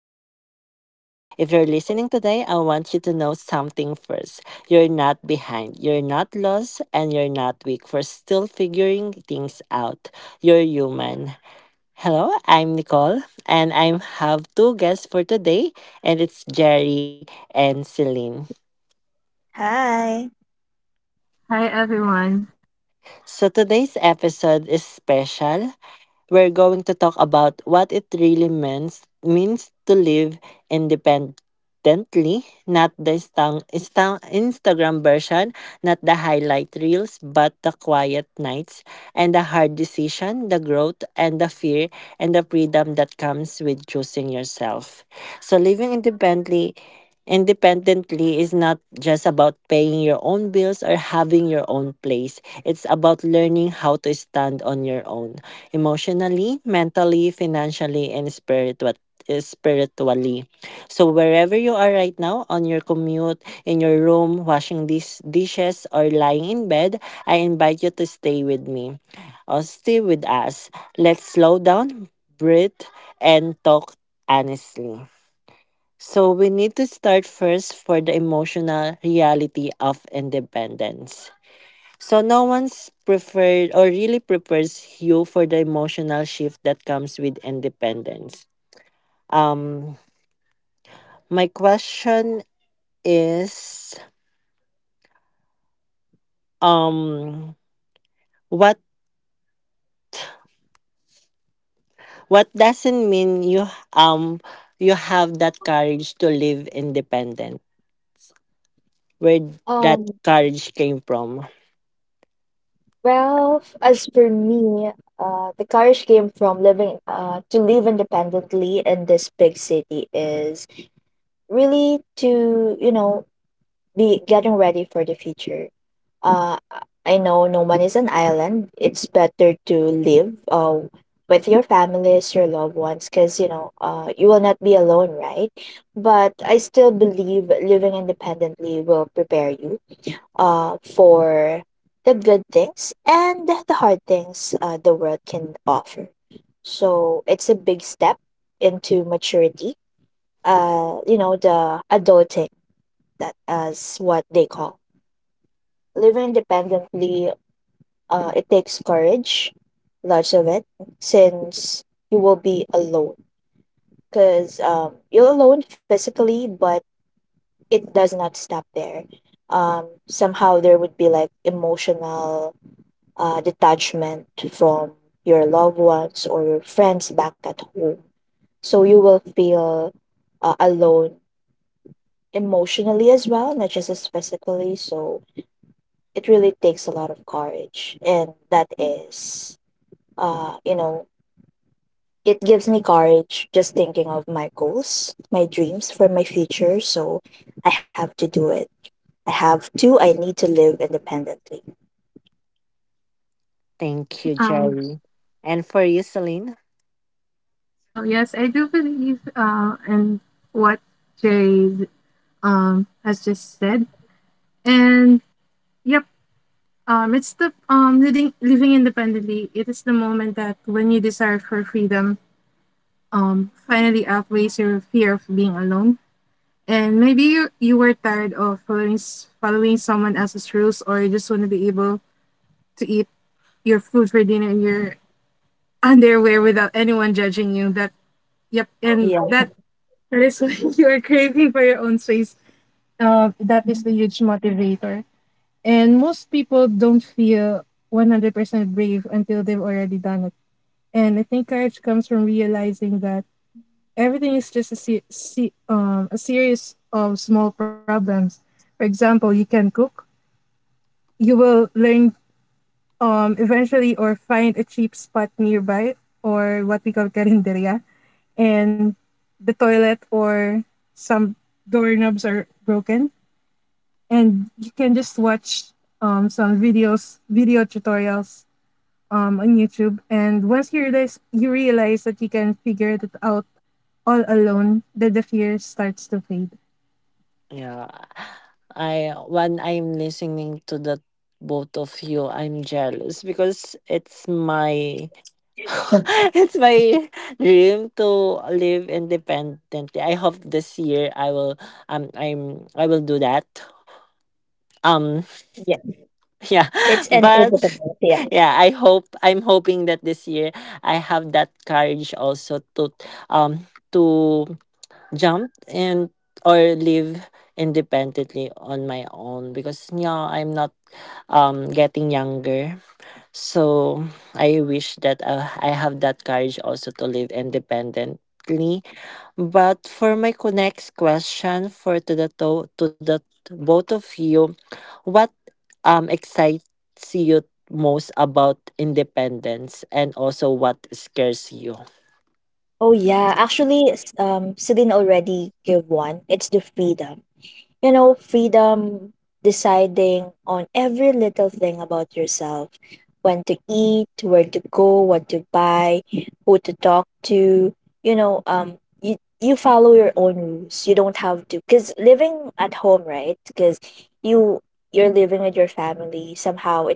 Independent. If you're listening today, I want you to know something first. You're not behind, you're not lost, and you're not weak for still figuring things out. You're human. Hello, I'm Nicole, and I have two guests for today, and it's Jerry and Celine. Hi. Hi everyone. So today's episode is special. We're going to talk about what it really means to live independently, not the Instagram version, not the highlight reels, but the quiet nights and the hard decision, the growth and the fear and the freedom that comes with choosing yourself. So living independently is not just about paying your own bills or having your own place. It's about learning how to stand on your own emotionally, mentally, financially, and spiritually. So wherever you are right now, on your commute, in your room, washing these dishes, or lying in bed, I invite you to stay with me or stay with us. Let's slow down, breathe, and talk honestly. So we need to start first for the emotional reality of independence. So no one's prepared or really prepares you for the emotional shift that comes with independence. Um my question is um what what doesn't mean you you have that courage to live independent? Where that Um, courage came from. well, as for me, the courage came from living to live independently in this big city is really to be getting ready for the future. Uh, I know no one is an island. It's better to live with your families, your loved ones, because, you will not be alone, right? But I still believe living independently will prepare you for the good things and the hard things, the world can offer. So it's a big step into maturity. The adulting, that is what they call. Living independently, it takes courage, lots of it, since you will be alone. Because you're alone physically, but it does not stop there. Somehow there would be like emotional detachment from your loved ones or your friends back at home. So you will feel alone emotionally as well, not just as physically. So it really takes a lot of courage. And that is, you know, it gives me courage just thinking of my goals, my dreams for my future. So I have to do it. I need to live independently. Thank you, Um, Jerry. And for you, Celine? oh yes, I do believe in what Jade has just said, and yep, it's the living independently. It is the moment that when you desire for freedom, finally outweighs your fear of being alone, and maybe you were tired of following someone else's rules, or you just want to be able to eat your food for dinner in your underwear without anyone judging you. That Yep, and Yeah. that That is why you are craving for your own space. That is the huge motivator. And most people don't feel 100% brave until they've already done it. And I think courage comes from realizing that everything is just a series of small problems. For example, you can cook, you will learn eventually or find a cheap spot nearby or what we call carinderia, and the toilet or some doorknobs are broken and you can just watch some videos video tutorials on YouTube, and once you realize that you can figure it out all alone, then the fear starts to fade. Yeah. I When I'm listening to the both of you, I'm jealous because it's my it's my dream to live independently. I hope this year I will I will do that. Um Yeah. yeah. It's But inevitable. Yeah. yeah, I'm hoping that this year I have that courage also to jump and or live independently on my own because yeah, I'm not getting younger, so I wish that I have that courage also to live independently. But for my next question for to the to the both of you, what excites you most about independence and also what scares you? Oh yeah, actually, Celine already gave one. It's the freedom. Freedom deciding on every little thing about yourself, when to eat, where to go, what to buy, who to talk to. You follow your own rules. You don't have to, cause living at home, right? Cause you you're living with your family. Somehow,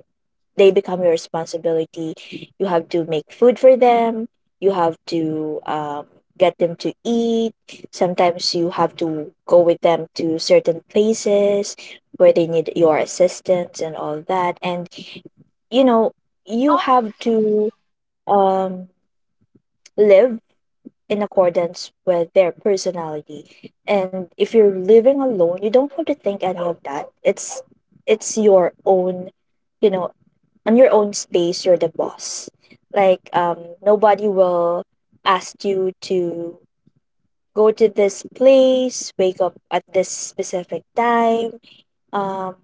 they become your responsibility. You have to make food for them. You have to get them to eat. Sometimes you have to go with them to certain places where they need your assistance and all that. And you know, you have to um, live in accordance with their personality. And if you're living alone, you don't have to think any of that. It's your own. You know, on your own space, you're the boss. Like, nobody will ask you to go to this place, wake up at this specific time, um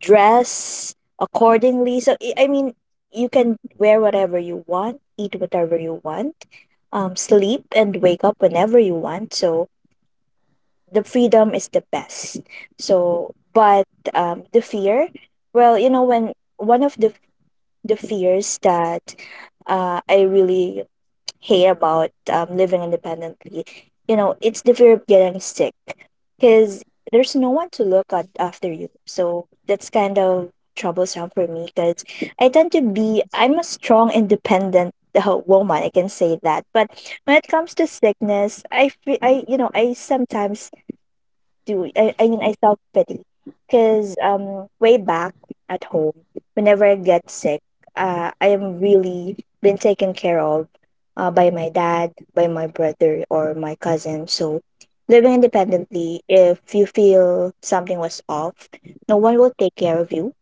dress accordingly. So I mean, you can wear whatever you want, eat whatever you want, sleep and wake up whenever you want. So the freedom is the best. So, but the fear, well, you know, when one of the fears that I really hate about living independently. You know, it's the fear of getting sick because there's no one to look at after you. So that's kind of troublesome for me because I tend to be, I'm a strong, independent woman, I can say that. But when it comes to sickness, I, fe- I you know, I felt pity. Because way back at home, whenever I get sick, I am really been taken care of, by my dad, by my brother or my cousin. So living independently, if you feel something was off, no one will take care of you,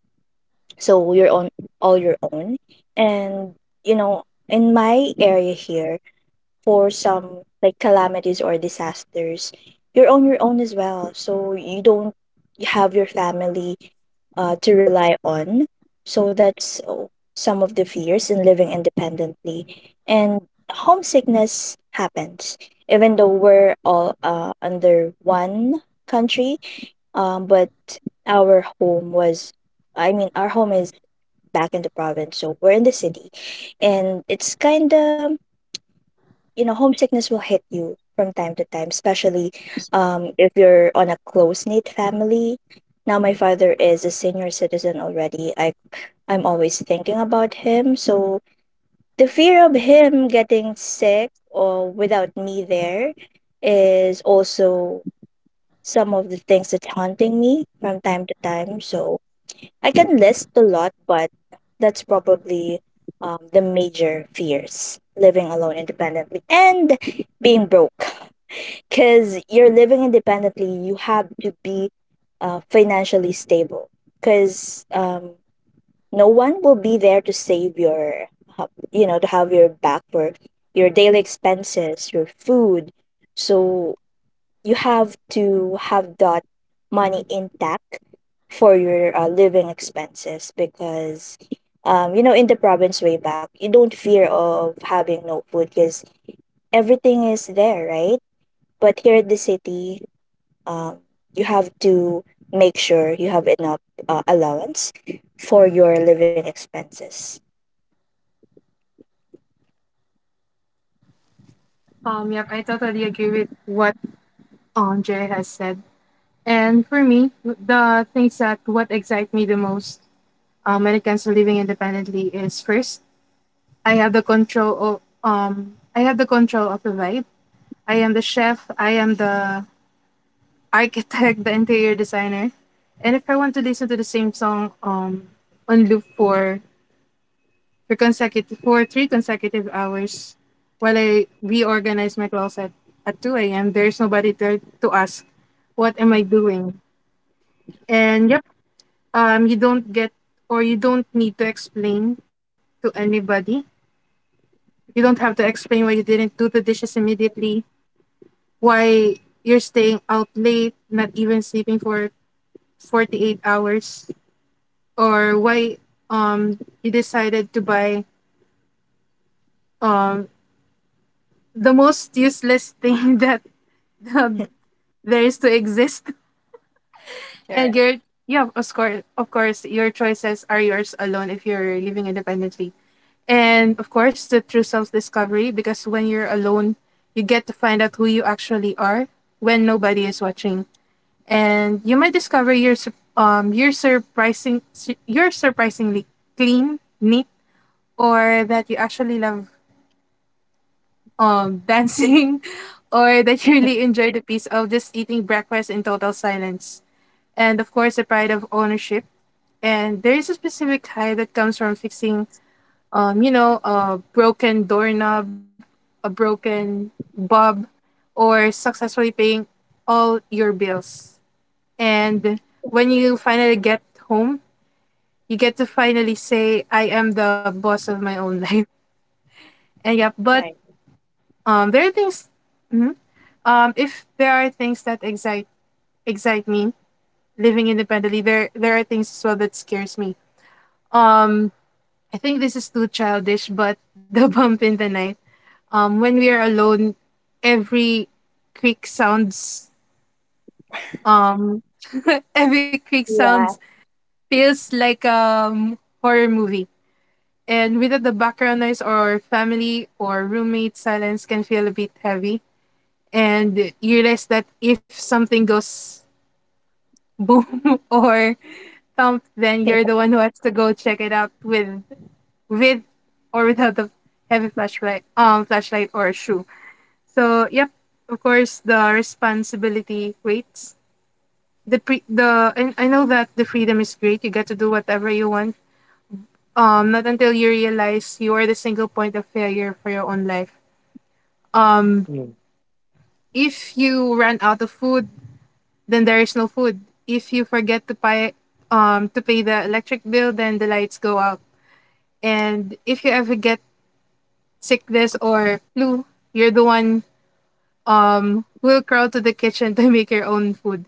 so you're on all your own. And you know in my area here, for some like calamities or disasters, you're on your own as well. So you don't have your family to rely on. So that's some of the fears in living independently. And homesickness happens, even though we're all under one country, but our home was I mean our home is back in the province. So we're in the city, and it's kind of, homesickness will hit you from time to time, especially if you're on a close knit family. Now, my father is a senior citizen already. I'm always thinking about him. So, the fear of him getting sick or without me there is also some of the things that's haunting me from time to time. So, I can list a lot, but that's probably the major fears living alone independently, and being broke. Because you're living independently, you have to be financially stable. Because no one will be there to have your back for your daily expenses, your food. So you have to have that money intact for your living expenses. Because in the province way back, you don't fear of having no food because everything is there, right? But here at the city, um, you have to make sure you have enough allowance for your living expenses. Yep, I totally agree with what Jay has said. And for me, the things that what excite me the most, when it comes to living independently is first, I have the control of the vibe. I am the chef. I am the architect, the interior designer. And if I want to listen to the same song on loop for three consecutive hours while I reorganize my closet at two a.m., there's nobody there to ask what am I doing. And yep, you don't get, or you don't need to explain to anybody, you don't have to explain why you didn't do the dishes immediately, why you're staying out late not even sleeping for 48 hours, or why um you decided to buy um the most useless thing that um, there is to exist. And Correct. you're, yeah, of course, of course your choices are yours alone if you're living independently. And of course, the true self discovery, because when you're alone, you get to find out who you actually are when nobody is watching. And you might discover you're surprising su- you're surprisingly clean, neat, or that you actually love dancing, or that you really enjoy the peace of just eating breakfast in total silence. And of course, the pride of ownership. And there is a specific high that comes from fixing, a broken doorknob, a broken bulb, or successfully paying all your bills. And when you finally get home, you get to finally say, I am the boss of my own life. And yeah, but Right. There are things, mhm. If there are things that excite me living independently, there are things as well that scares me. Um, I think this is too childish, but the bump in the night. When we are alone, every creak sounds um every creak sounds feels like horror movie. And without the background noise or family or roommate, silence can feel a bit heavy. And you realize that if something goes boom or thump, then you're the one who has to go check it out with or without the heavy flashlight or shoe. So, yep, of course, the responsibility waits. The pre- the and I know that the freedom is great. You get to do whatever you want. Not until you realize you are the single point of failure for your own life. Um, Mm. if you run out of food, then there is no food. If you forget to pay the electric bill, then the lights go out. And if you ever get sickness or flu, you're the one who will crawl to the kitchen to make your own food.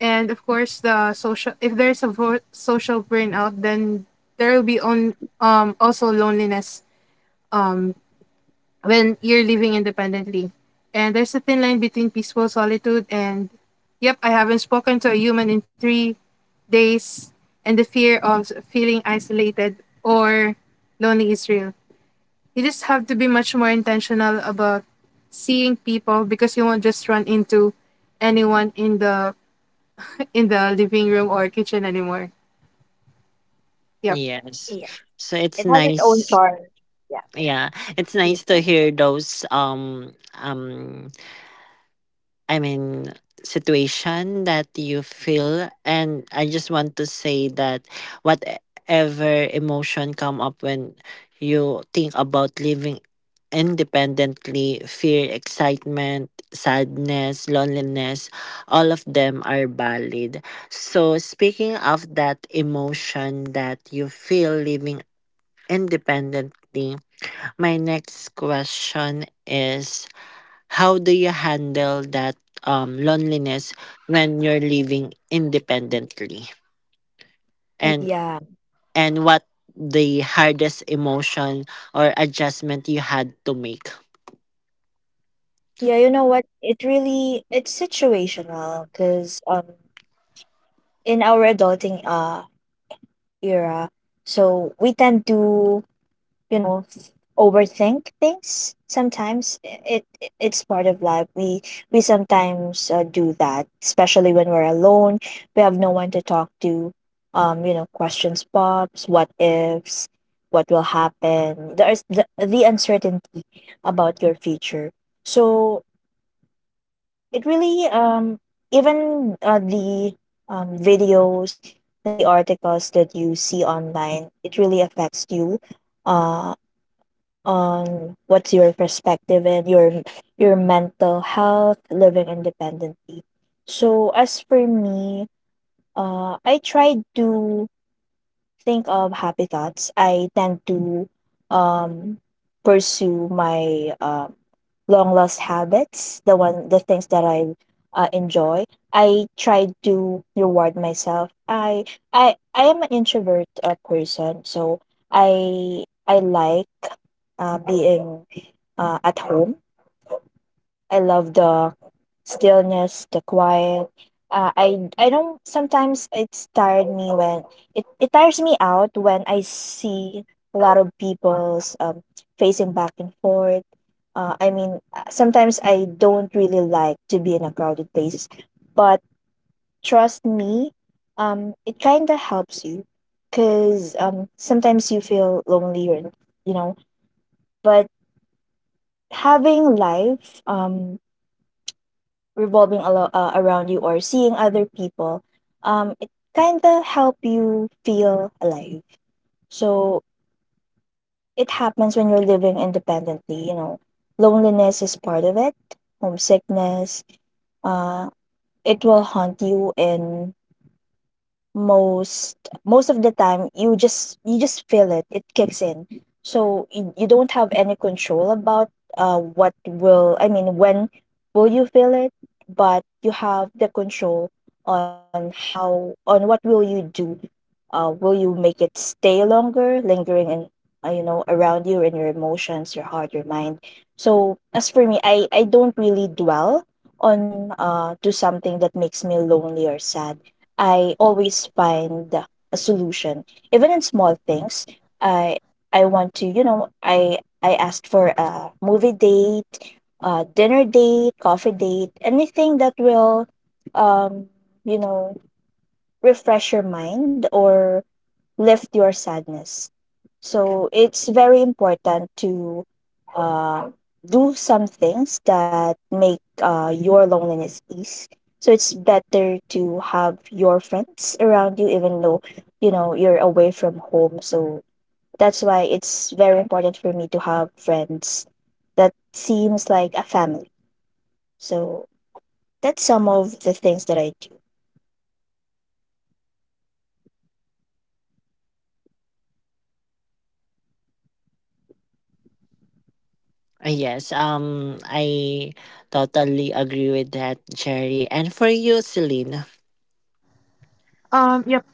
And of course, the social, if there's a vo- social burnout, then there will be on also loneliness um when you're living independently. And there's a thin line between peaceful solitude and, yep, I haven't spoken to a human in 3 days. And the fear of feeling isolated or lonely is real. You just have to be much more intentional about seeing people because you won't just run into anyone in the living room or kitchen anymore. Yep. Yes. Yeah. So It it's has its own nice. charm. Yeah. Yeah, it's nice to hear those I mean, situation that you feel. And I just want to say that whatever emotion come up when you think about living independently, fear, excitement, sadness, loneliness, all of them are valid. So speaking of that emotion that you feel living independently, my next question is, how do you handle that loneliness when you're living independently? And Yeah. and what the hardest emotion or adjustment you had to make? Yeah, you know what? It's situational. Because in our adulting era, so we tend to you know th- overthink things. Sometimes it's part of life. We sometimes do that, especially when we're alone, we have no one to talk to. Questions pops, what ifs, what will happen, there's the uncertainty about your future. So it really, even the videos, the articles that you see online, it really affects you uh on what's your perspective and your mental health living independently. So as for me, I try to think of happy thoughts. I tend to um pursue my long lost habits, the things that I enjoy. I try to reward myself. I am an introvert person. So I like being at home. I love the stillness, the quiet. I don't, sometimes it's tired me when it tires me out, when I see a lot of people's, facing back and forth. I mean, sometimes I don't really like to be in a crowded place. But trust me, it kind of helps you. Because sometimes you feel lonely you know, but having life revolving a around you, or seeing other people, it kind of help you feel alive. So it happens when you're living independently. You know, loneliness is part of it. Homesickness, uh it will haunt you, in most most of the time, you just feel It kicks in. So you don't have any control about, what will, when will you feel it. But you have the control on what will you do. Will you make it stay longer lingering in, around you, in your emotions, your heart, your mind. So as for me, I don't really dwell on to something that makes me lonely or sad. I always find a solution, even in small things. I I want to, you know, I asked for a movie date, a dinner date, coffee date, anything that will, um, you know, refresh your mind or lift your sadness. So it's very important to uh, do some things that make your loneliness ease. So it's better to have your friends around you, even though you know you're away from home. So that's why it's very important for me to have friends that seems like a family. So that's some of the things that I do. Yes, I totally agree with that, Jerry. And for you, Celine, Yep.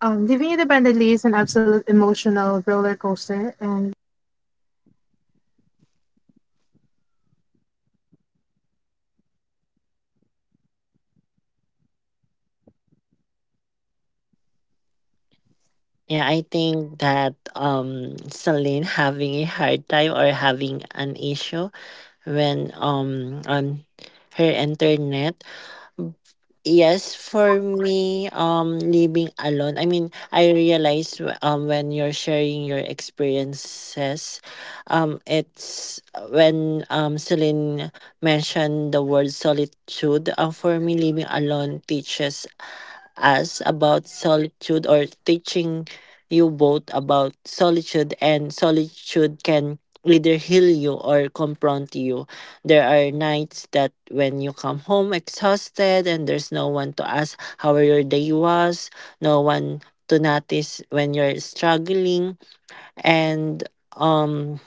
Living independently is an absolute emotional roller coaster, and yeah, I think that Celine having a hard time or having an issue when on her internet. Yes, for me, living alone. I mean, I realize when you're sharing your experiences, it's when Celine mentioned the word solitude. For me, living alone teaches us about solitude, or teaching you both about solitude, and solitude can either heal you or confront you. There are nights that when you come home exhausted and there's no one to ask how your day was, no one to notice when you're struggling, and um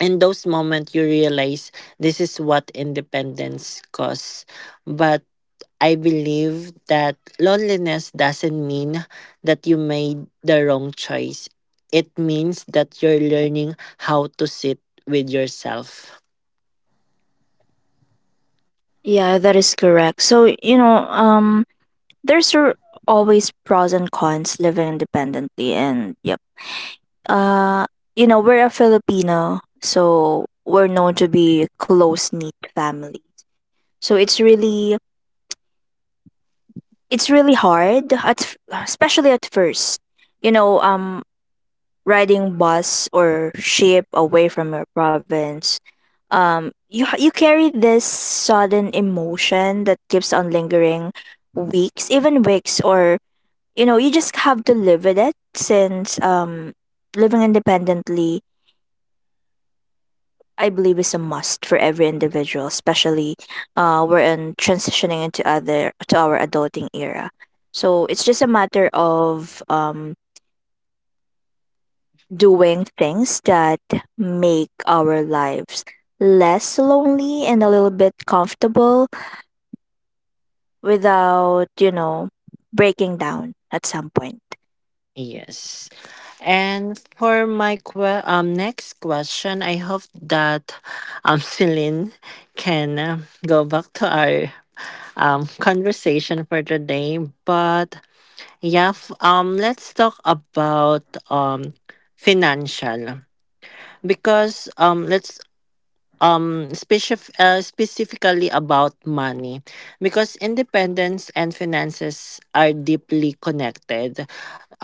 in those moments you realize this is what independence costs. But I believe that loneliness doesn't mean that you made the wrong choice. It means that you're learning how to sit with yourself. Yeah, that is correct. So, there's always pros and cons living independently. And uh we're a Filipino, so we're known to be close knit families. So it's really hard at, especially at first. You know, riding bus or ship away from your province, you carry this sudden emotion that keeps on lingering weeks, even weeks. Or you just have to live with it, since living independently, I believe, is a must for every individual, especially we're in transitioning into other to our adulting era. So it's just a matter of doing things that make our lives less lonely and a little bit comfortable, without, you know, breaking down at some point. Yes. And for my next question, I hope that Celine can go back to our conversation for today. But yeah, let's talk about financial, because let's specifically about money, because independence and finances are deeply connected.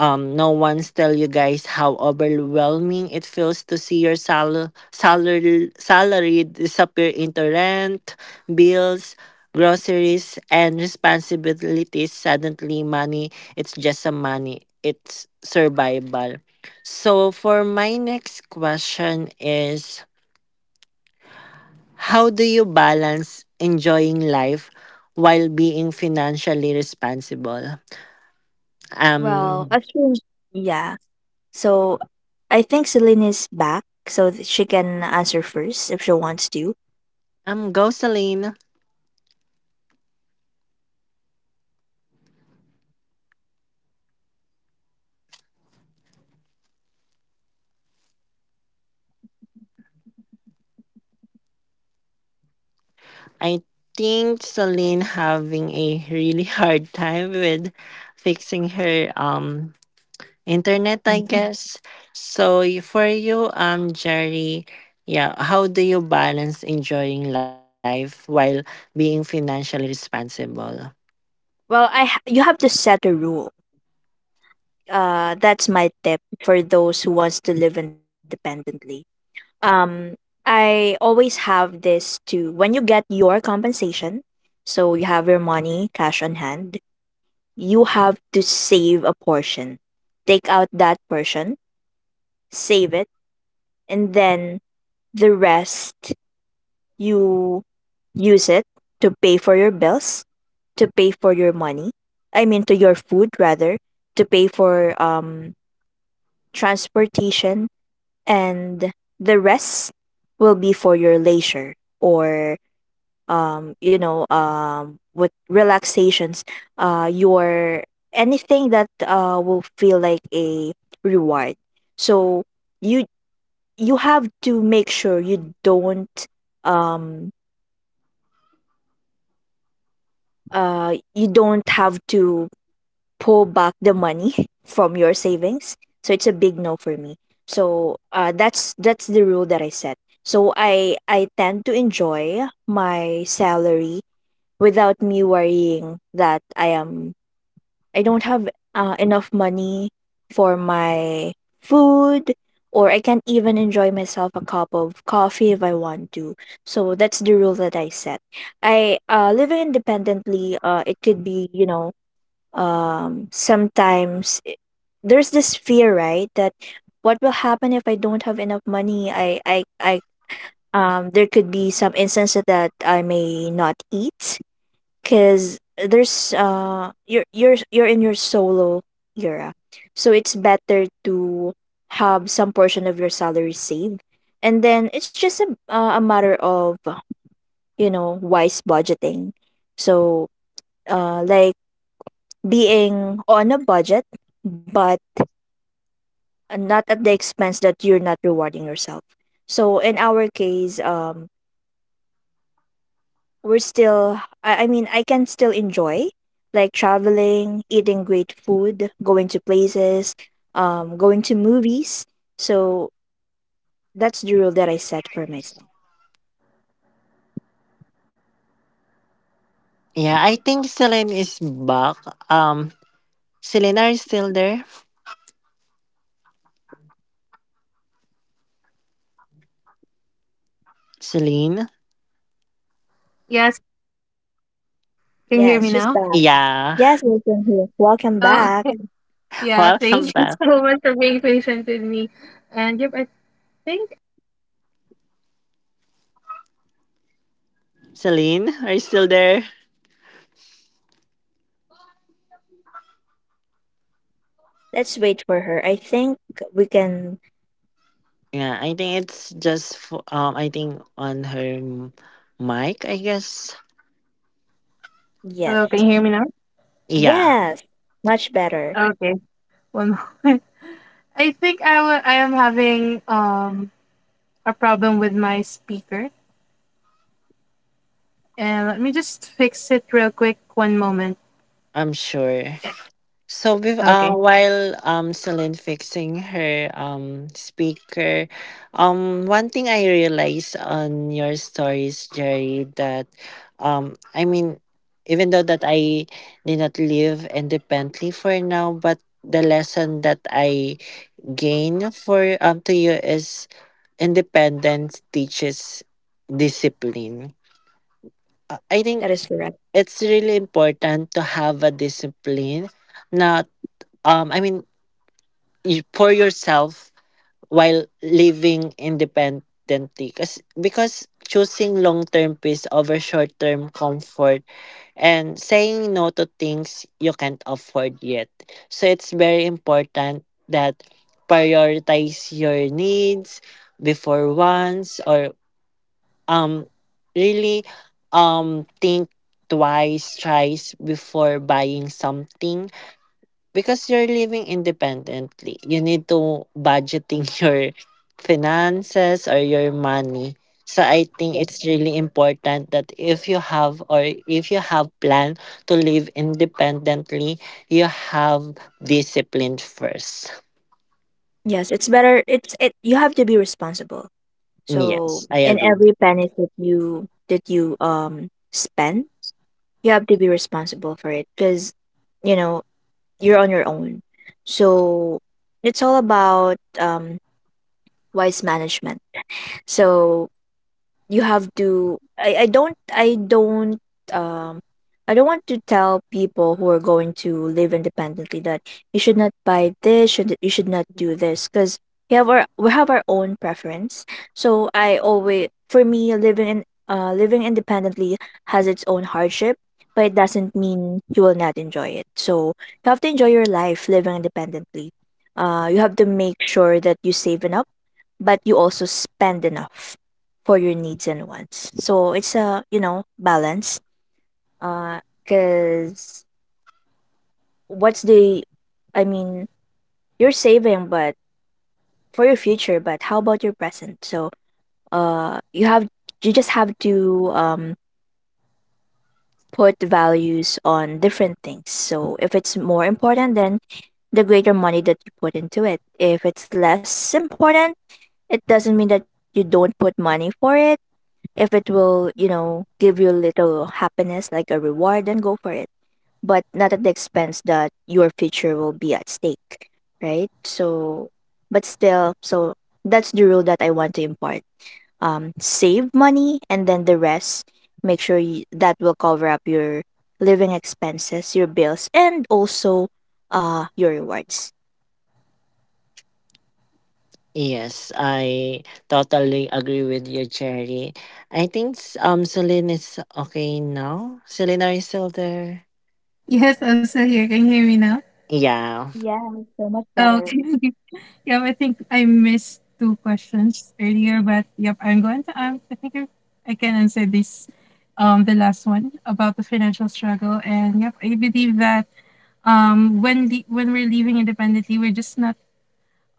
No one's tell you guys how overwhelming it feels to see your salary disappear into rent, bills, groceries, and responsibilities. Suddenly money, it's just a money, it's survival. So for my next question is, how do you balance enjoying life while being financially responsible? Well, Um, assume yeah. So I think Celine is back, so that she can answer first if she wants to. Go Celine. I think Celine having a really hard time with fixing her internet, I Mhm. guess. So for you, Jerry, yeah, how do you balance enjoying life while being financially responsible? Well, you have to set a rule. That's my tip for those who wants to live independently. um I always have this to, when you get your compensation, so you have your money cash on hand, you have to save a portion. Take out that portion, save it, and then the rest you use it to pay for your bills, to pay for your money. I mean, to your food rather, to pay for transportation, and the rest will be for your leisure or with relaxations, your anything that will feel like a reward. So you you have to make sure um you don't have to pull back the money from your savings. So it's a big no for me. So that's the rule that I set. So I tend to enjoy my salary without me worrying that I don't have enough money for my food, or I can't even enjoy myself a cup of coffee if I want to. So that's the rule that I set. I Living independently, it could be, sometimes there's this fear, right, that what will happen if I don't have enough money? I There could be some instances that I may not eat, because there's you're in your solo era. So it's better to have some portion of your salary saved, and then it's just a matter of wise budgeting. So like being on a budget, but not at the expense that you're not rewarding yourself. So in our case, we're still I mean, I can still enjoy, like, traveling, eating great food, going to places, going to movies. So that's the rule that I set for myself. Yeah, I think Celine is back. Um, Celine, are you still there? Celine? yes, can you hear me Yes, she's now? back. Yeah. Yes, welcome here, welcome Oh, back. yeah. Welcome Thank you back. so much for being patient with me. And yep, I think. Celine, are you still there? Let's wait for her. I think we can. Yeah, I think it's just for, I think on her mic, I guess. Hello, Yes. can you hear me now? Yeah, Yes. Much better. Okay, one moment. I think I am having a problem with my speaker, and let me just fix it real quick. One moment. I'm sure. So with Okay. while Celine fixing her speaker, one thing I realized on your stories, Jerry, that I mean even though that I did not live independently for now, but the lesson that I gain for to you is independence teaches discipline. I think That is correct. it's really important to have a discipline, not I mean you, for yourself while living independently, because choosing long term peace over short term comfort and saying no to things you can't afford yet. So it's very important that prioritize your needs before wants, or um really think twice, thrice before buying something. Because you're living independently, you need to budgeting your finances or your money. So I think Yes. it's really important that if you have or if you have plan to live independently, you have discipline first. Yes. It's better. It's it. You have to be responsible. So Yes, I in agree. every penny that you spend, you have to be responsible for it, because you know you're on your own. So it's all about wise management. So you have to. Um I don't want to tell people who are going to live independently that you should not buy this, should you should not do this, because we have our own preference. So I always for me, living independently has its own hardship, but it doesn't mean you will not enjoy it. So you have to enjoy your life living independently. You have to make sure that you save enough, but you also spend enough for your needs and wants. So it's a, balance. Uh, Cause what's I mean, you're saving, but for your future, but how about your present? So, uh, you have, you just have to, put values on different things. So if it's more important, then the greater money that you put into it. If it's less important, it doesn't mean that you don't put money for it. If it will, give you a little happiness, like a reward, then go for it. But not at the expense that your future will be at stake, right? So, but still, so that's the rule that I want to impart. Save money, and then the rest, make sure that will cover up your living expenses, your bills, and also your rewards. Yes, I totally agree with you, Cherry. I think Celine is okay now. Celine, are you still there? Yes, I'm still here. Can you hear me now? Yeah. Yeah, so much better. Okay. Yep, I think I missed 2 questions earlier, but yep, I'm going to. I think I can answer this, the last one about the financial struggle. And yep, I believe that when when we're living independently, we're just not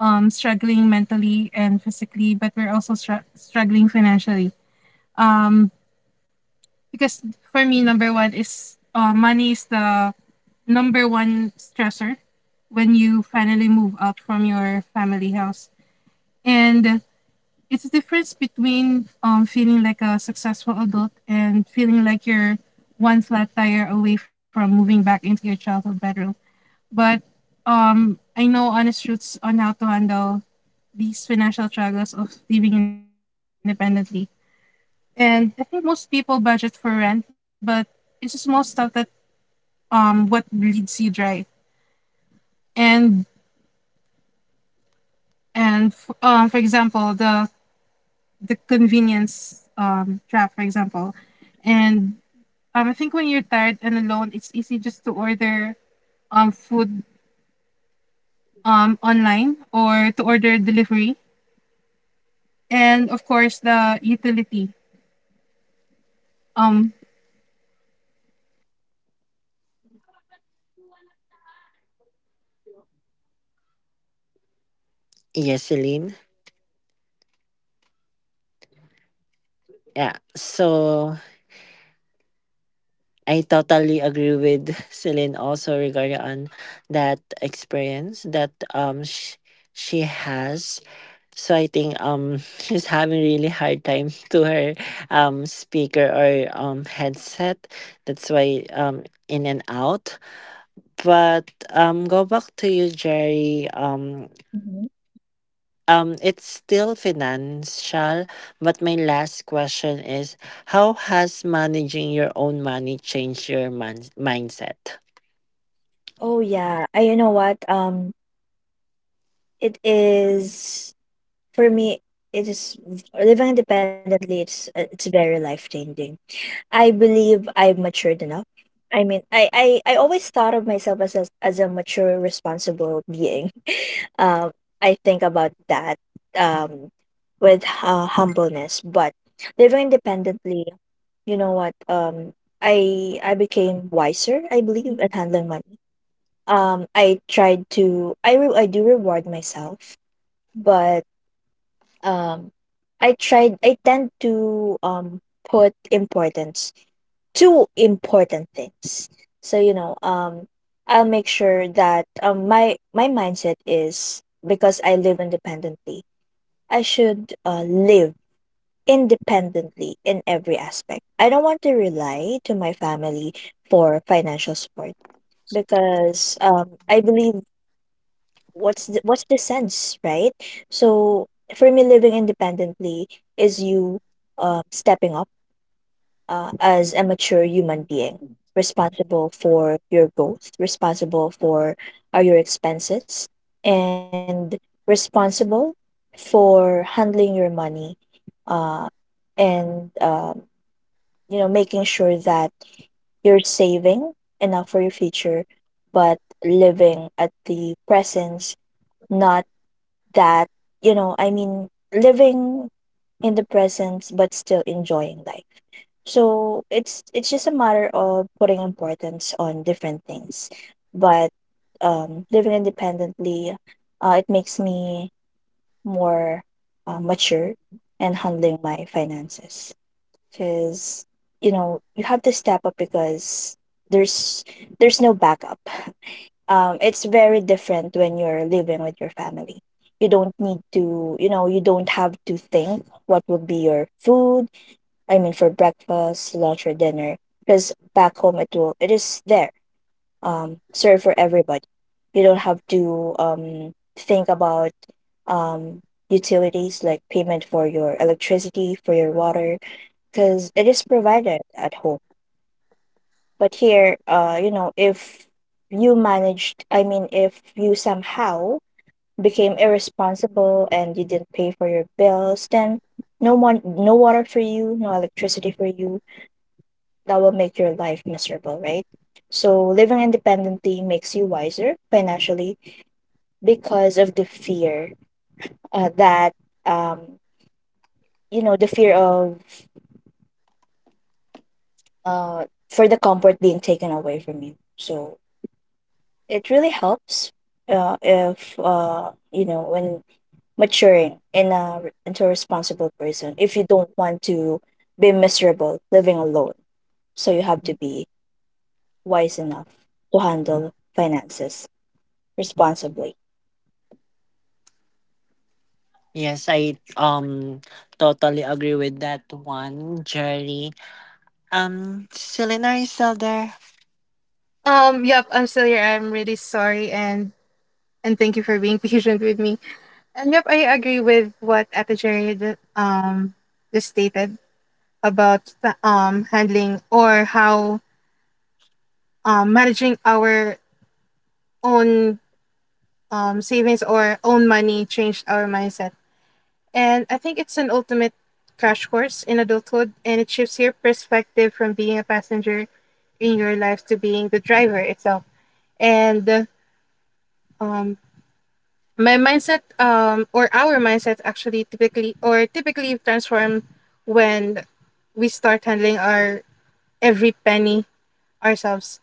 struggling mentally and physically, but we're also struggling financially. Um, because for me, number one is, money is the number one stressor when you finally move out from your family house. And it's a difference between feeling like a successful adult and feeling like you're one flat tire away from moving back into your childhood bedroom. But I know honest truths on how to handle these financial struggles of living independently. And I think most people budget for rent, but it's just small stuff that what bleeds you dry. And for example, the convenience trap, for example, and I think when you're tired and alone, it's easy just to order food online or to order delivery. And of course, the utility. Um, Yes, Celine. Yeah, so I totally agree with Celine also regarding on that experience that she has. So I think she's having really hard time to her speaker or headset. That's why in and out. But go back to you, Jerry. Mhm. It's still financial, but my last question is, how has managing your own money changed your mindset? Oh yeah, I you know what? It is. For me, it is living independently. It's very life changing. I believe I've matured enough. I mean, I always thought of myself as as a mature, responsible being. Um, I think about that, um, with humbleness. But living independently, you know what? I became wiser, I believe, at handling money. I tried to I re- I do reward myself, but um I tend to put importance to important things. So I'll make sure that my mindset is, because I live independently, I should live independently in every aspect. I don't want to rely to my family for financial support, because I believe, what's the sense, right? So for me, living independently is you stepping up, as a mature human being, responsible for your growth, responsible for your expenses, and responsible for handling your money, uh, and making sure that you're saving enough for your future, but living at the presence, not that I mean, living in the present but still enjoying life. So it's just a matter of putting importance on different things. But living independently, it makes me more mature and handling my finances, because you know you have to step up, because there's there's no backup. It's very different when you're living with your family. You don't need to, you don't have to think what would be your food. I mean, for breakfast, lunch, or dinner. Because back home, it is there, served for everybody. You don't have to think about um utilities, like payment for your electricity, for your water, because it is provided at home. But here, if you managed, I mean, if you somehow became irresponsible and you didn't pay for your bills, then no one, no water for you, no electricity for you. That will make your life miserable, right? So living independently makes you wiser financially, because of the fear, that, um, the fear of, for the comfort being taken away from you. So it really helps, if, when maturing into a responsible person. If you don't want to be miserable living alone, so you have to be wise enough to handle finances responsibly. Yes, I totally agree with that one, Jerry. Selena is still there. Yep. I'm still here. I'm really sorry, and thank you for being patient with me. And yep, I agree with what Ate Jerry just stated about the handling or how managing our own savings or own money changed our mindset. And I think it's an ultimate crash course in adulthood, and it shifts your perspective from being a passenger in your life to being the driver itself. And um, my mindset, or our mindset, actually typically or typically transform when we start handling our every penny ourselves,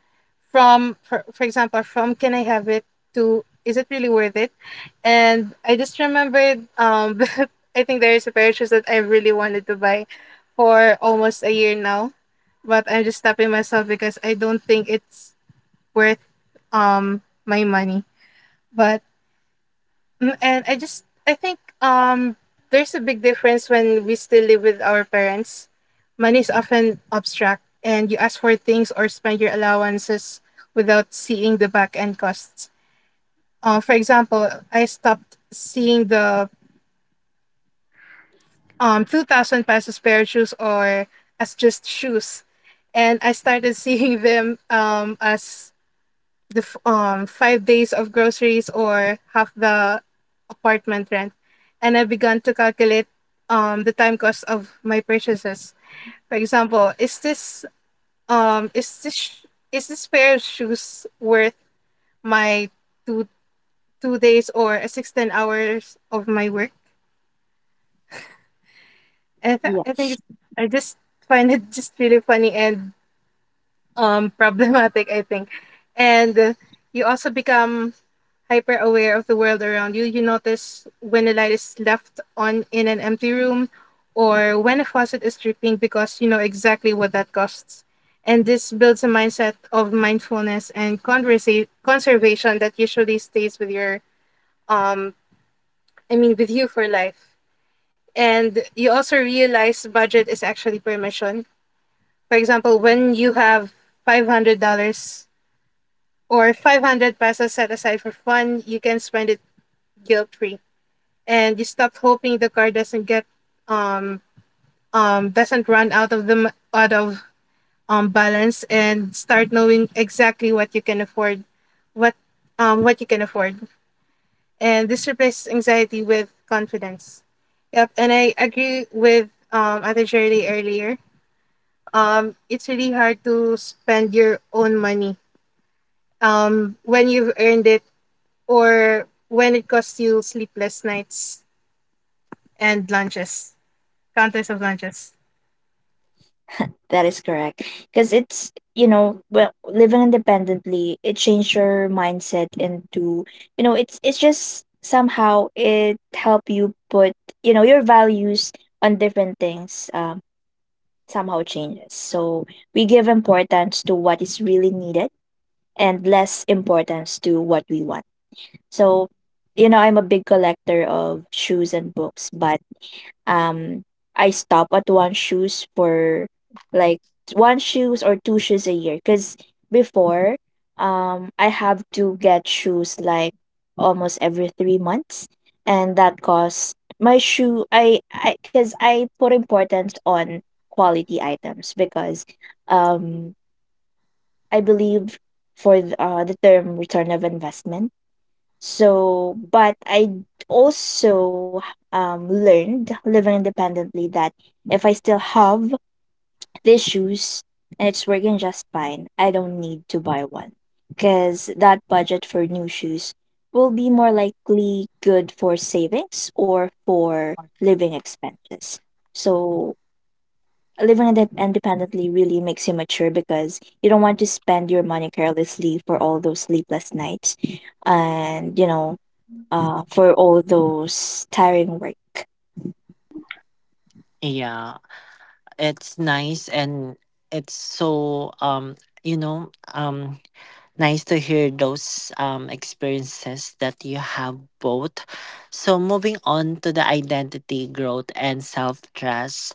from for example, from can I have it to is it really worth it. And I just remembered that I think there is a pair of shoes that I really wanted to buy for almost a year now, but I'm just stopping myself because I don't think it's worth my money. But Mm, And I just, I think there's a big difference when we still live with our parents. Money is often abstract and you ask for things or spend your allowances without seeing the back end costs. For example, I stopped seeing the 2,000 pesos pair of shoes or as just shoes, and I started seeing them as the 5 days of groceries or half the apartment rent. And I began to calculate the time cost of my purchases. For example, is this is this pair of shoes worth my two two days or a 16 hours of my work. And Yeah, I think it's, I just find it just really funny and problematic, I think. And you also become hyper aware of the world around you. You notice when the light is left on in an empty room or when a faucet is dripping because you know exactly what that costs. And this builds a mindset of mindfulness and conservation that usually stays with your um I mean with you for life. And you also realize budget is actually permission. For example, when you have $500 or 500 pesos set aside for fun, you can spend it guilt free. And you stop hoping the car doesn't get um doesn't run out of balance, and start knowing exactly what what you can afford. And this replaces anxiety with confidence. Yep, and I agree with other Shirley earlier, it's really hard to spend your own money when you've earned it or when it costs you sleepless nights and lunches counters of lunches. that is correct. Because it's you know well, living independently, it changed your mindset into, it's just, somehow it help you put, your values on different things, somehow changes. So we give importance to what is really needed and less importance to what we want. So, you know, I'm a big collector of shoes and books. But um I stop at one shoes for, like, one shoes or two shoes a year, because before, I have to get shoes like almost every 3 months, and that cost my shoe I because I put importance on quality items, because um I believe, the term return of investment. So, but I also, learned living independently that if I still have these shoes and it's working just fine, I don't need to buy one, because that budget for new shoes will be more likely good for savings or for living expenses. So, independently really makes you mature, because you don't want to spend your money carelessly for all those sleepless nights and, for all those tiring work. Yeah, it's nice and it's so you know nice to hear those experiences that you have both. So, moving on to the identity growth and self trust.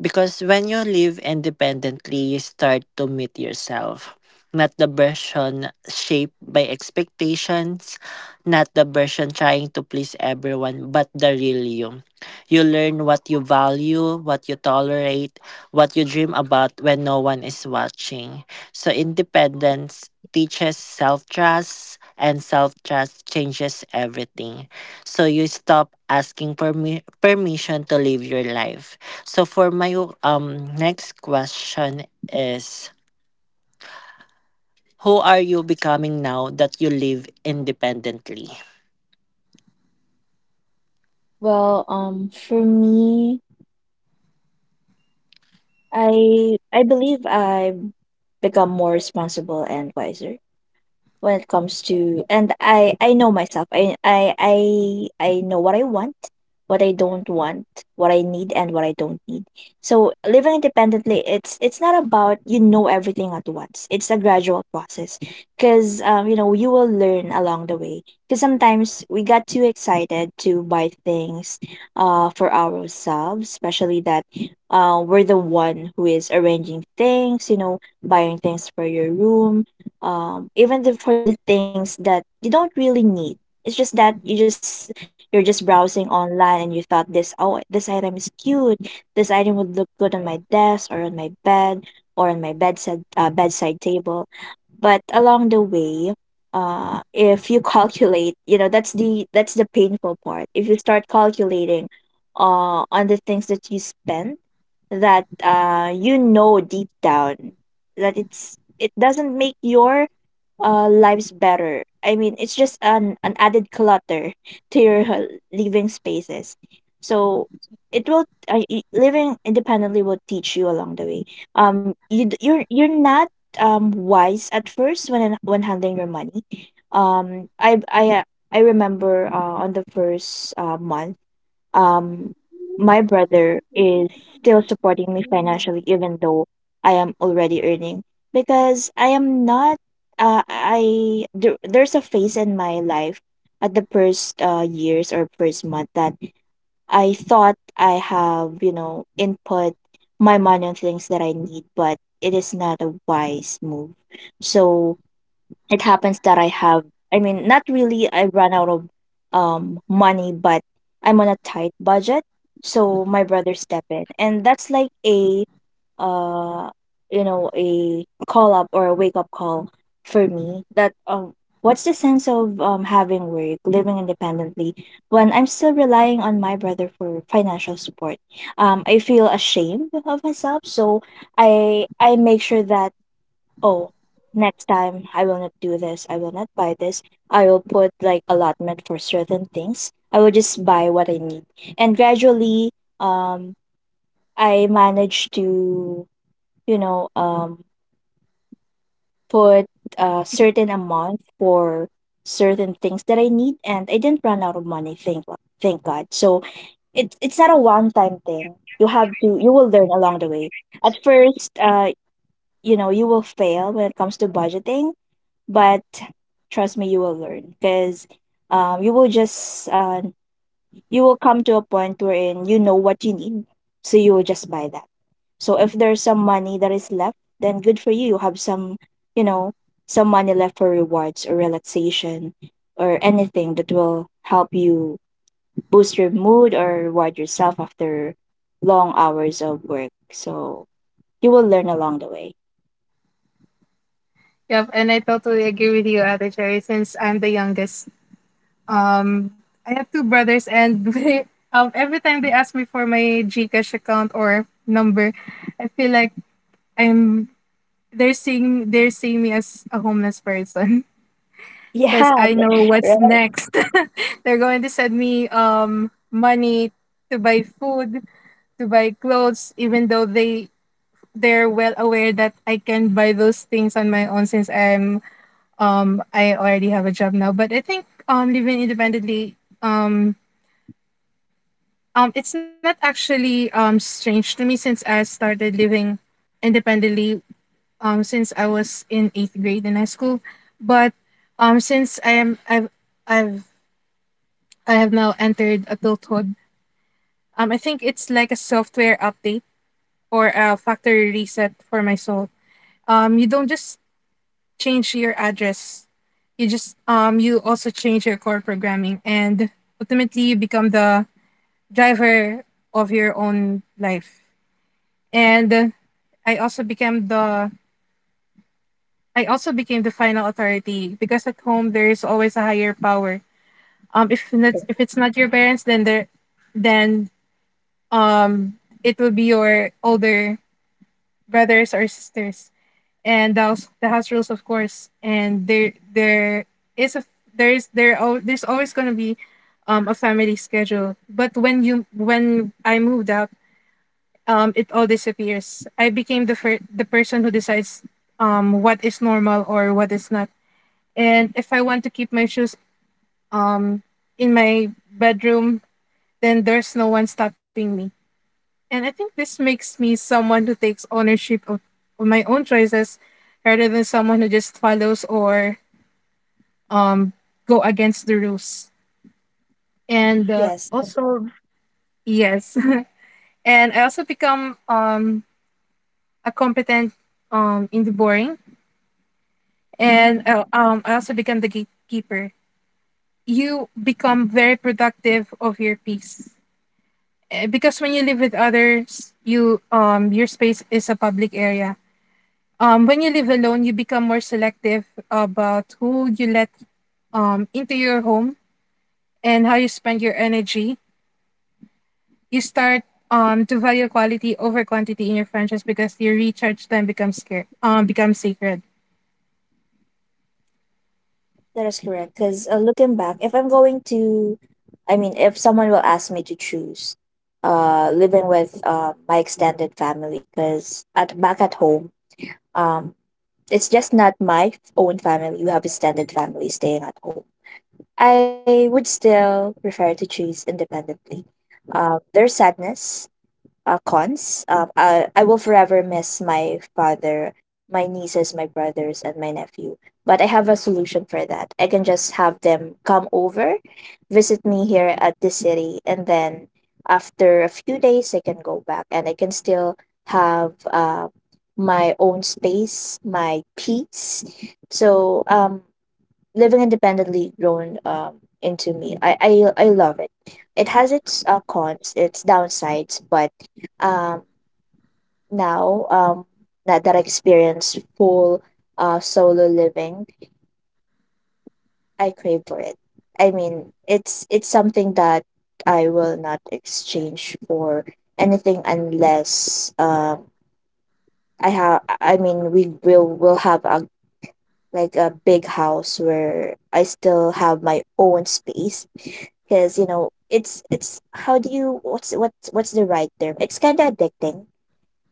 Because when you live independently, you start to meet yourself. Not the version shaped by expectations, not the version trying to please everyone, but the real you. You learn what you value, what you tolerate, what you dream about when no one is watching. So, independence teaches self trust, and self trust changes everything. So, you stop asking permission to live your life. So for my next question is, who are you becoming now that you live independently? Well, for me, I believe I've become more responsible and wiser when it comes to. And I know myself. I know what I want, what I don't want, what I need and what I don't need. So living independently, it's not about, everything at once. It's a gradual process, because you will learn along the way. Because sometimes we got too excited to buy things for ourselves, especially that we're the one who is arranging things, you know, buying things for your room, even for the things that you don't really need. It's just that you're just browsing online and you thought this oh, this item is cute. This item would look good on my desk or on my bed, or on my bedside bedside table. But along the way, if you calculate, you know, that's the painful part. If you start calculating, on the things that you spend, that, you know deep down that it doesn't make your lives better. I mean, it's just an added clutter to your living spaces. So it will living independently will teach you along the way. You're not wise at first, when handling your money. Um, I I uh, I remember, on the first, month, um my brother is still supporting me financially, even though I am already earning, because I am not I there's a phase in my life at the first, years or first month, that I thought I have, input my money on things that I need, but it is not a wise move. So it happens that I mean, not really, I ran out of money, but I'm on a tight budget. So my brother step in, and that's like a, uh a call up or a wake up call for me, that, what's the sense of having work, living independently, when I'm still relying on my brother for financial support. I feel ashamed of myself. So I make sure that, oh, next time I will not do this. I will not buy this. I will put, like, allotment for certain things. I will just buy what I need. And gradually, um, I managed to, you know, um, put a certain amount for certain things that I need, and I didn't run out of money. Thank God. Thank God. So it's not a one time thing. You have to. You will learn along the way. At first, you will fail when it comes to budgeting, but trust me, you will learn because you will just you will come to a point wherein you know what you need, so you will just buy that. So if there's some money that is left, then good for you. You have some, you know, some money left for rewards or relaxation or anything that will help you boost your mood or reward yourself after long hours of work. So you will learn along the way, Yep, and I totally agree with you, Ate Cherry, since I'm the youngest. Um, I have two brothers, and every time they ask me for my Gcash account or number, I feel like I'm they're seeing me as a homeless person because yeah. I know what's Right. next. They're going to send me money to buy food, to buy clothes, even though they're well aware that I can buy those things on my own since I already have a job now. But I think living independently, um it's not actually strange to me since I started living independently since I was in 8th grade in high school. But since I've I have now entered adulthood. I think it's like a software update or a factory reset for my soul. You don't just change your address. You just you also change your core programming, and ultimately you become the driver of your own life. And I also became the final authority, because at home there is always a higher power. If it's not your parents, then there then um it will be your older brothers or sisters, and the house rules, of course. And there is a there is there al- there's always gonna be a family schedule. But when I moved out, it all disappears. I became the person who decides what is normal or what is not. And if I want to keep my shoes um in my bedroom, then there's no one stopping me. And I think this makes me someone who takes ownership of my own choices, rather than someone who just follows or um go against the rules. And Yes. also yes. And I also become a competent, in the boring, Mhm. and I also become the gatekeeper. You become very productive of your peace. Eh, because when you live with others, your space is a public area. When you live alone, you become more selective about who you let into your home and how you spend your energy. You start to value quality over quantity in your friendships, because your recharge time becomes becomes sacred. That is correct. Because looking back, if I'm going to, I mean, if someone will ask me to choose, living with my extended family, because at back at home, um, it's just not my own family. You have extended family staying at home. I would still prefer to choose independently. There's sadness, cons. I will forever miss my father, my nieces, my brothers, and my nephew. But I have a solution for that. I can just have them come over, visit me here at the city, and then after a few days, I can go back and I can still have my own space, my peace. So living independently grown into me. I love it. It has its cons, its downsides, but um now that I experience full solo living, I crave for it. I mean, it's something that I will not exchange for anything, unless I have, I mean, we will have a, like a big house where I still have my own space, because you know, it's how do you, what's the right term, it's kind of addicting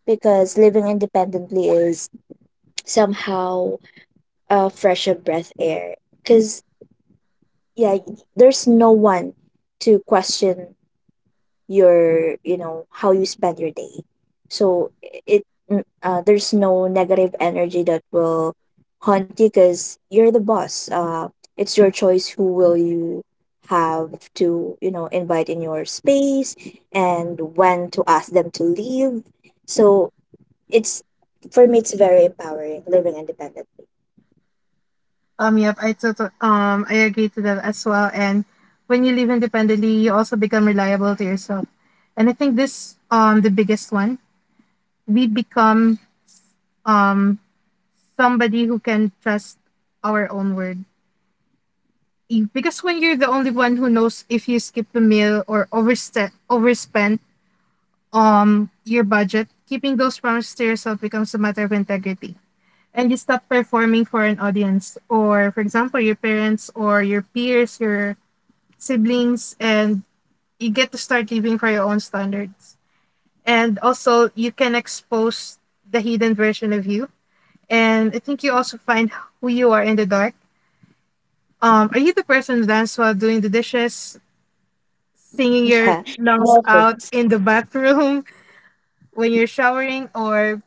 because living independently is somehow a fresher breath air because yeah, there's no one to question your, you know, how you spend your day. So it there's no negative energy that will haunt you because you're the boss. It's your choice who will you have to, you know, invite in your space and when to ask them to leave. So it's, for me, it's very empowering living independently. Yep, I agree to that as well. And when you live independently, you also become reliable to yourself. And I think this, the biggest one. We become um somebody who can trust our own word, you because when you're the only one who knows if you skip a meal or overspend your budget, keeping those promises to yourself becomes a matter of integrity. And you stop performing for an audience, or for example your parents or your peers, your siblings, and you get to start living for your own standards. And also, you can expose the hidden version of you. And I think you also find who you are in the dark. Are you the person who dances while doing the dishes, singing Yeah. your lungs out in the bathroom when you're showering? Or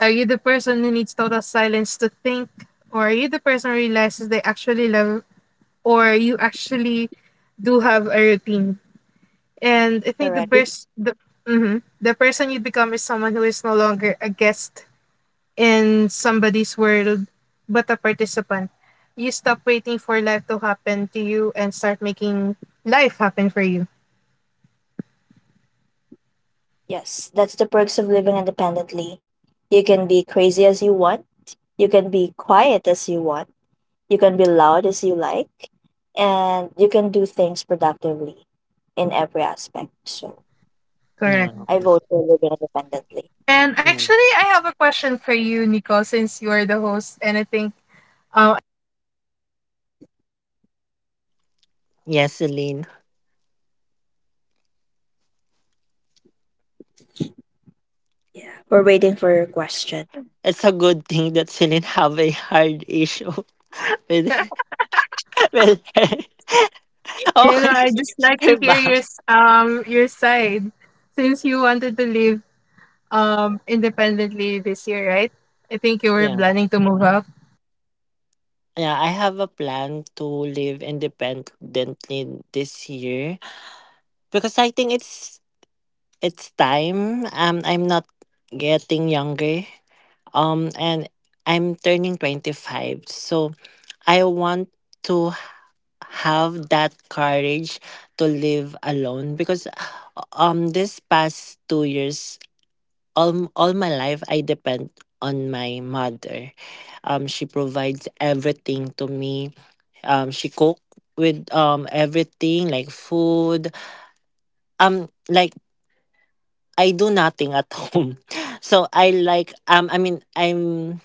are you the person who needs total silence to think? Or are you the person who realizes they actually love, or you actually do have a routine? And I think the Correct. best the mhm, the person you become is someone who is no longer a guest in somebody's world, but a participant. You stop waiting for life to happen to you and start making life happen for you. Yes. That's the perks of living independently. You can be crazy as you want, you can be quiet as you want. You can be loud as you like, and you can do things productively in every aspect. So Yeah. Correct. I vote for living independently. And Mm. actually, I have a question for you, Nico, since you are the host, and I think, um, Yes, Celine. We're waiting for your question. It's a good thing that Celine have a hard issue with her. Oh, I just like her to hear back. Your side, since you wanted to live independently this year, right? I think you were Yeah. planning to move out. Yeah, I have a plan to live independently this year because I think it's time. I'm not getting younger, and I'm turning 25, so I want to have that courage to live alone because this past 2 years all my life I depend on my mother. She provides everything to me. She cook with everything like food, like I do nothing at home, so I like I mean I'm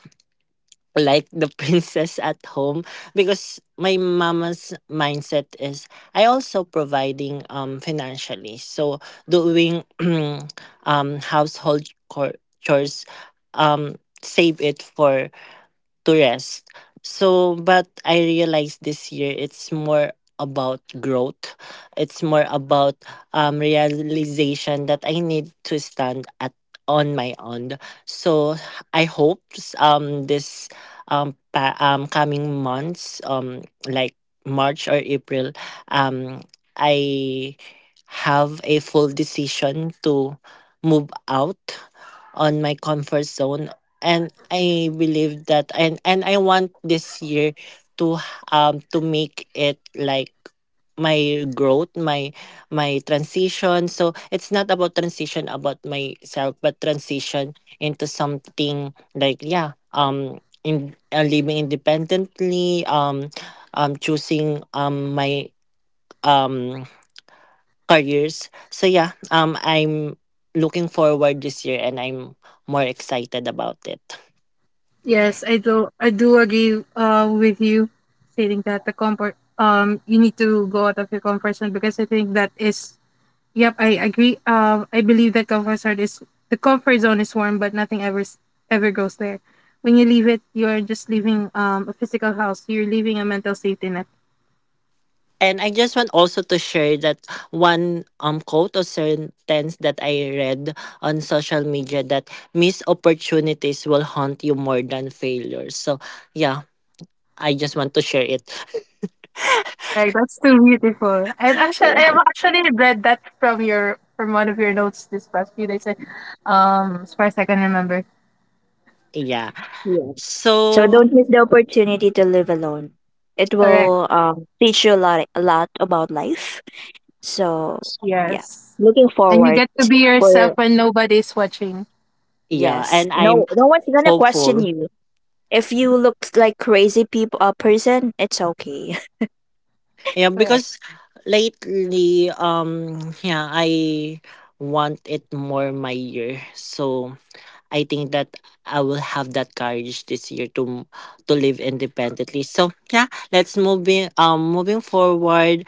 like the princess at home, because my mama's mindset is I also providing financially. So doing household chores, save it for to rest. So, but I realized this year it's more about growth. It's more about realization that I need to stand at on my own. So I hope this coming months like March or April, um I have a full decision to move out on my comfort zone. And I believe that, and I want this year to to make it like my growth, my transition, so it's not about transition about myself, but transition into something like yeah, in living independently, choosing my um careers. So yeah, I'm looking forward this year and I'm more excited about it. Yes, I do. I do agree with you, stating that the comfort, you need to go out of your comfort zone, because I think that is. Yep, I agree. I believe that comfort zone is warm, but nothing ever ever goes there. When you leave it, you are just leaving a physical house. You're leaving a mental safety net. And I just want also to share that one quote or sentence that I read on social media, that missed opportunities will haunt you more than failures. So yeah, I just want to share it. Right, that's too beautiful. And actually, I have yeah. actually read that from your, from one of your notes this past few days. As far as I can remember, yeah. Yeah. So So don't miss the opportunity to live alone. It correct. will, teach you a lot about life. So yeah, Yes, looking and you forward get to be yourself for when nobody's watching. yeah, yes. and I'm No, no one's gonna question hopeful. you if you look like crazy people, a person. It's okay. Yeah, Correct. because lately yeah, I want it more my year. So I think that I will have that courage this year to live independently. So yeah, let's moving forward.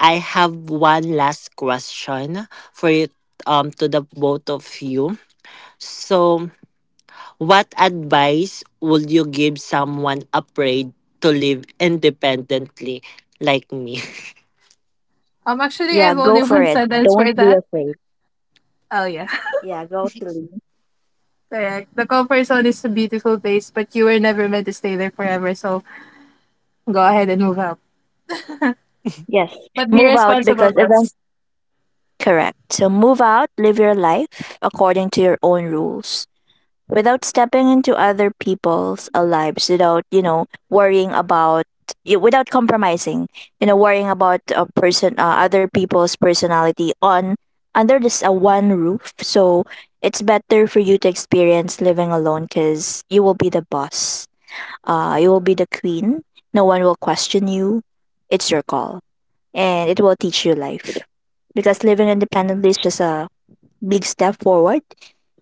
I have one last question for you to the both of you. So what advice would you give someone afraid to live independently like me? Actually, I Yeah, have go only for one it. sentence Don't for be that. afraid. Oh yeah. Yeah, go silly. Correct. The comfort zone is a beautiful place, but you were never meant to stay there forever. So go ahead and move out, Yes. but be Move out, because responsible, event boss. correct. So move out, live your life according to your own rules without stepping into other people's lives without, you know, worrying about without compromising, you know, worrying about a person, other people's personality on under this one roof. So it's better for you to experience living alone, cuz you will be the boss. Uh, you will be the queen. No one will question you. It's your call and it will teach you life, because living independently is just a big step forward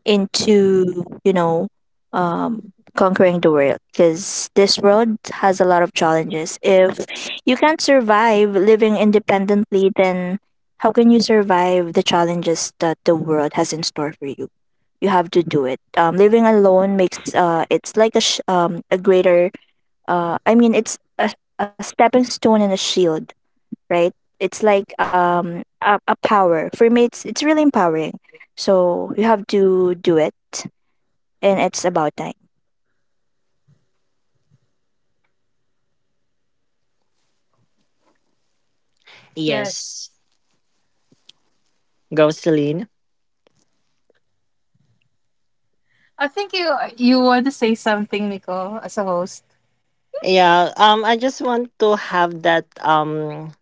into, you know, conquering the world. Because this world has a lot of challenges. If you can't survive living independently, then how can you survive the challenges that the world has in store for you? You have to do it. Living alone makes it's like a a greater I mean, it's a stepping stone and a shield, right? It's like a power. For me, it's really empowering. So you have to do it, and it's about time. Yes. yes. Go Celine. I think you want to say something, Nicole, as a host. Yeah, I just want to have that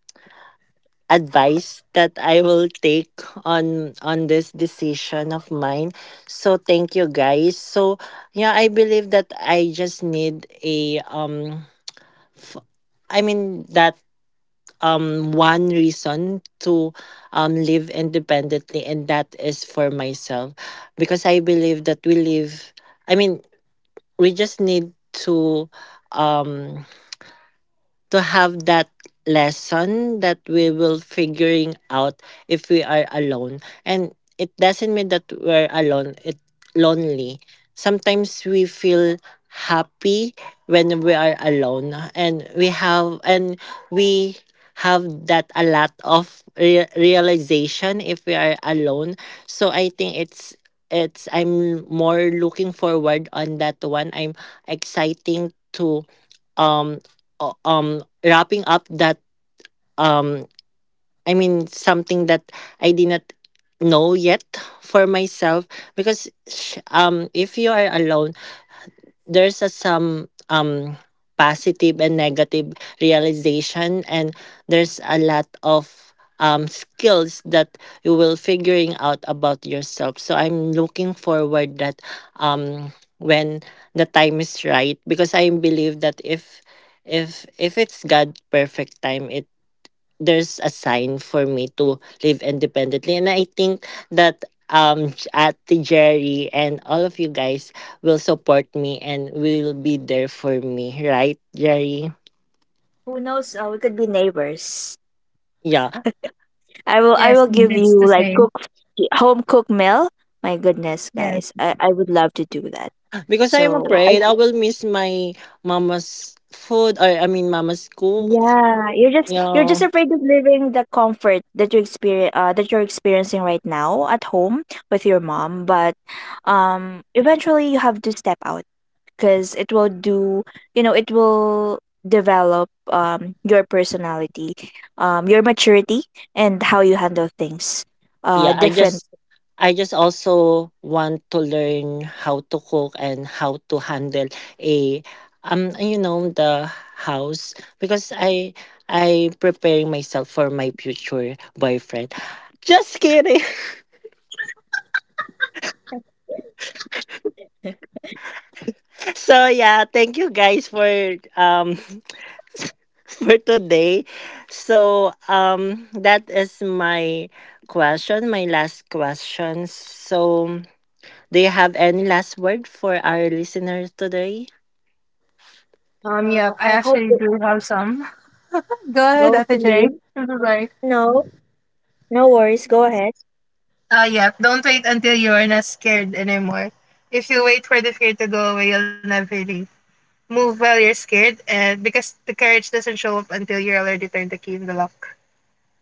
advice that I will take on this decision of mine. So thank you guys. So yeah, I believe that I just need a f- I mean that one reason to live independently, and that is for myself. Because I believe that we live I mean we just need to um to have that lesson that we will figuring out if we are alone, and it doesn't mean that we're alone, it lonely. Sometimes we feel happy when we are alone, and we have that a lot of realization if we are alone. So I think it's I'm more looking forward on that one. I'm exciting to um wrapping up that um I mean something that I did not know yet for myself, because if you are alone there's a some positive and negative realization, and there's a lot of skills that you will figuring out about yourself. So I'm looking forward that um when the time is right, because I believe that if it's god perfect time, there's a sign for me to live independently. And I think that at Jerry and all of you guys will support me and will be there for me, right, Jerry? Who knows, we could be neighbors. Yeah. I will I Yes, will give it's the you like, same. cook home cooked meal. My goodness, Yes. guys. I would love to do that. Because I am So I, afraid I will miss my mama's food, or I mean mama's cook. yeah, you're just, you're Yeah. just afraid of living the comfort that you experience, that you're experiencing right now at home with your mom. But eventually, you have to step out because it will do, you know, it will develop your personality, your maturity, and how you handle things Yeah, I different. just I just also want to learn how to cook and how to handle a you know the house, because I preparing myself for my future boyfriend. Just kidding. So yeah, thank you guys for for today. So that is my question, my last question. So do you have any last word for our listeners today? Well, Yep. I I hope actually do have some. Go ahead, Ate Jerry. I'm so sorry. no. No worries. Go ahead. Yep. Don't wait until you are not scared anymore. If you wait for the fear to go away, you'll never leave. Move while you're scared, and because the courage doesn't show up until you're already turned the key in the lock.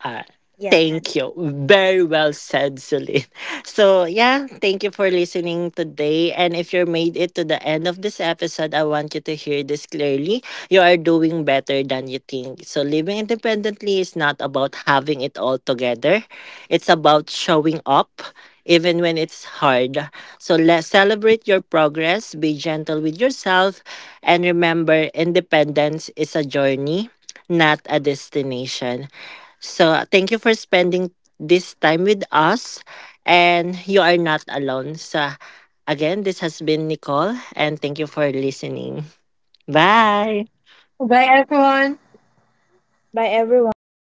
Uh, Yes. Thank you. Very well said, Celine. So, yeah, thank you for listening today. And if you made it to the end of this episode, I want you to hear this clearly. You are doing better than you think. So, living independently is not about having it all together, it's about showing up. Even when it's hard. So let's celebrate your progress, be gentle with yourself, and remember independence is a journey, not a destination. So, thank you for spending this time with us. And you are not alone. So, again, this has been Nicole. And thank you for listening. Bye. Bye, everyone. Bye, everyone.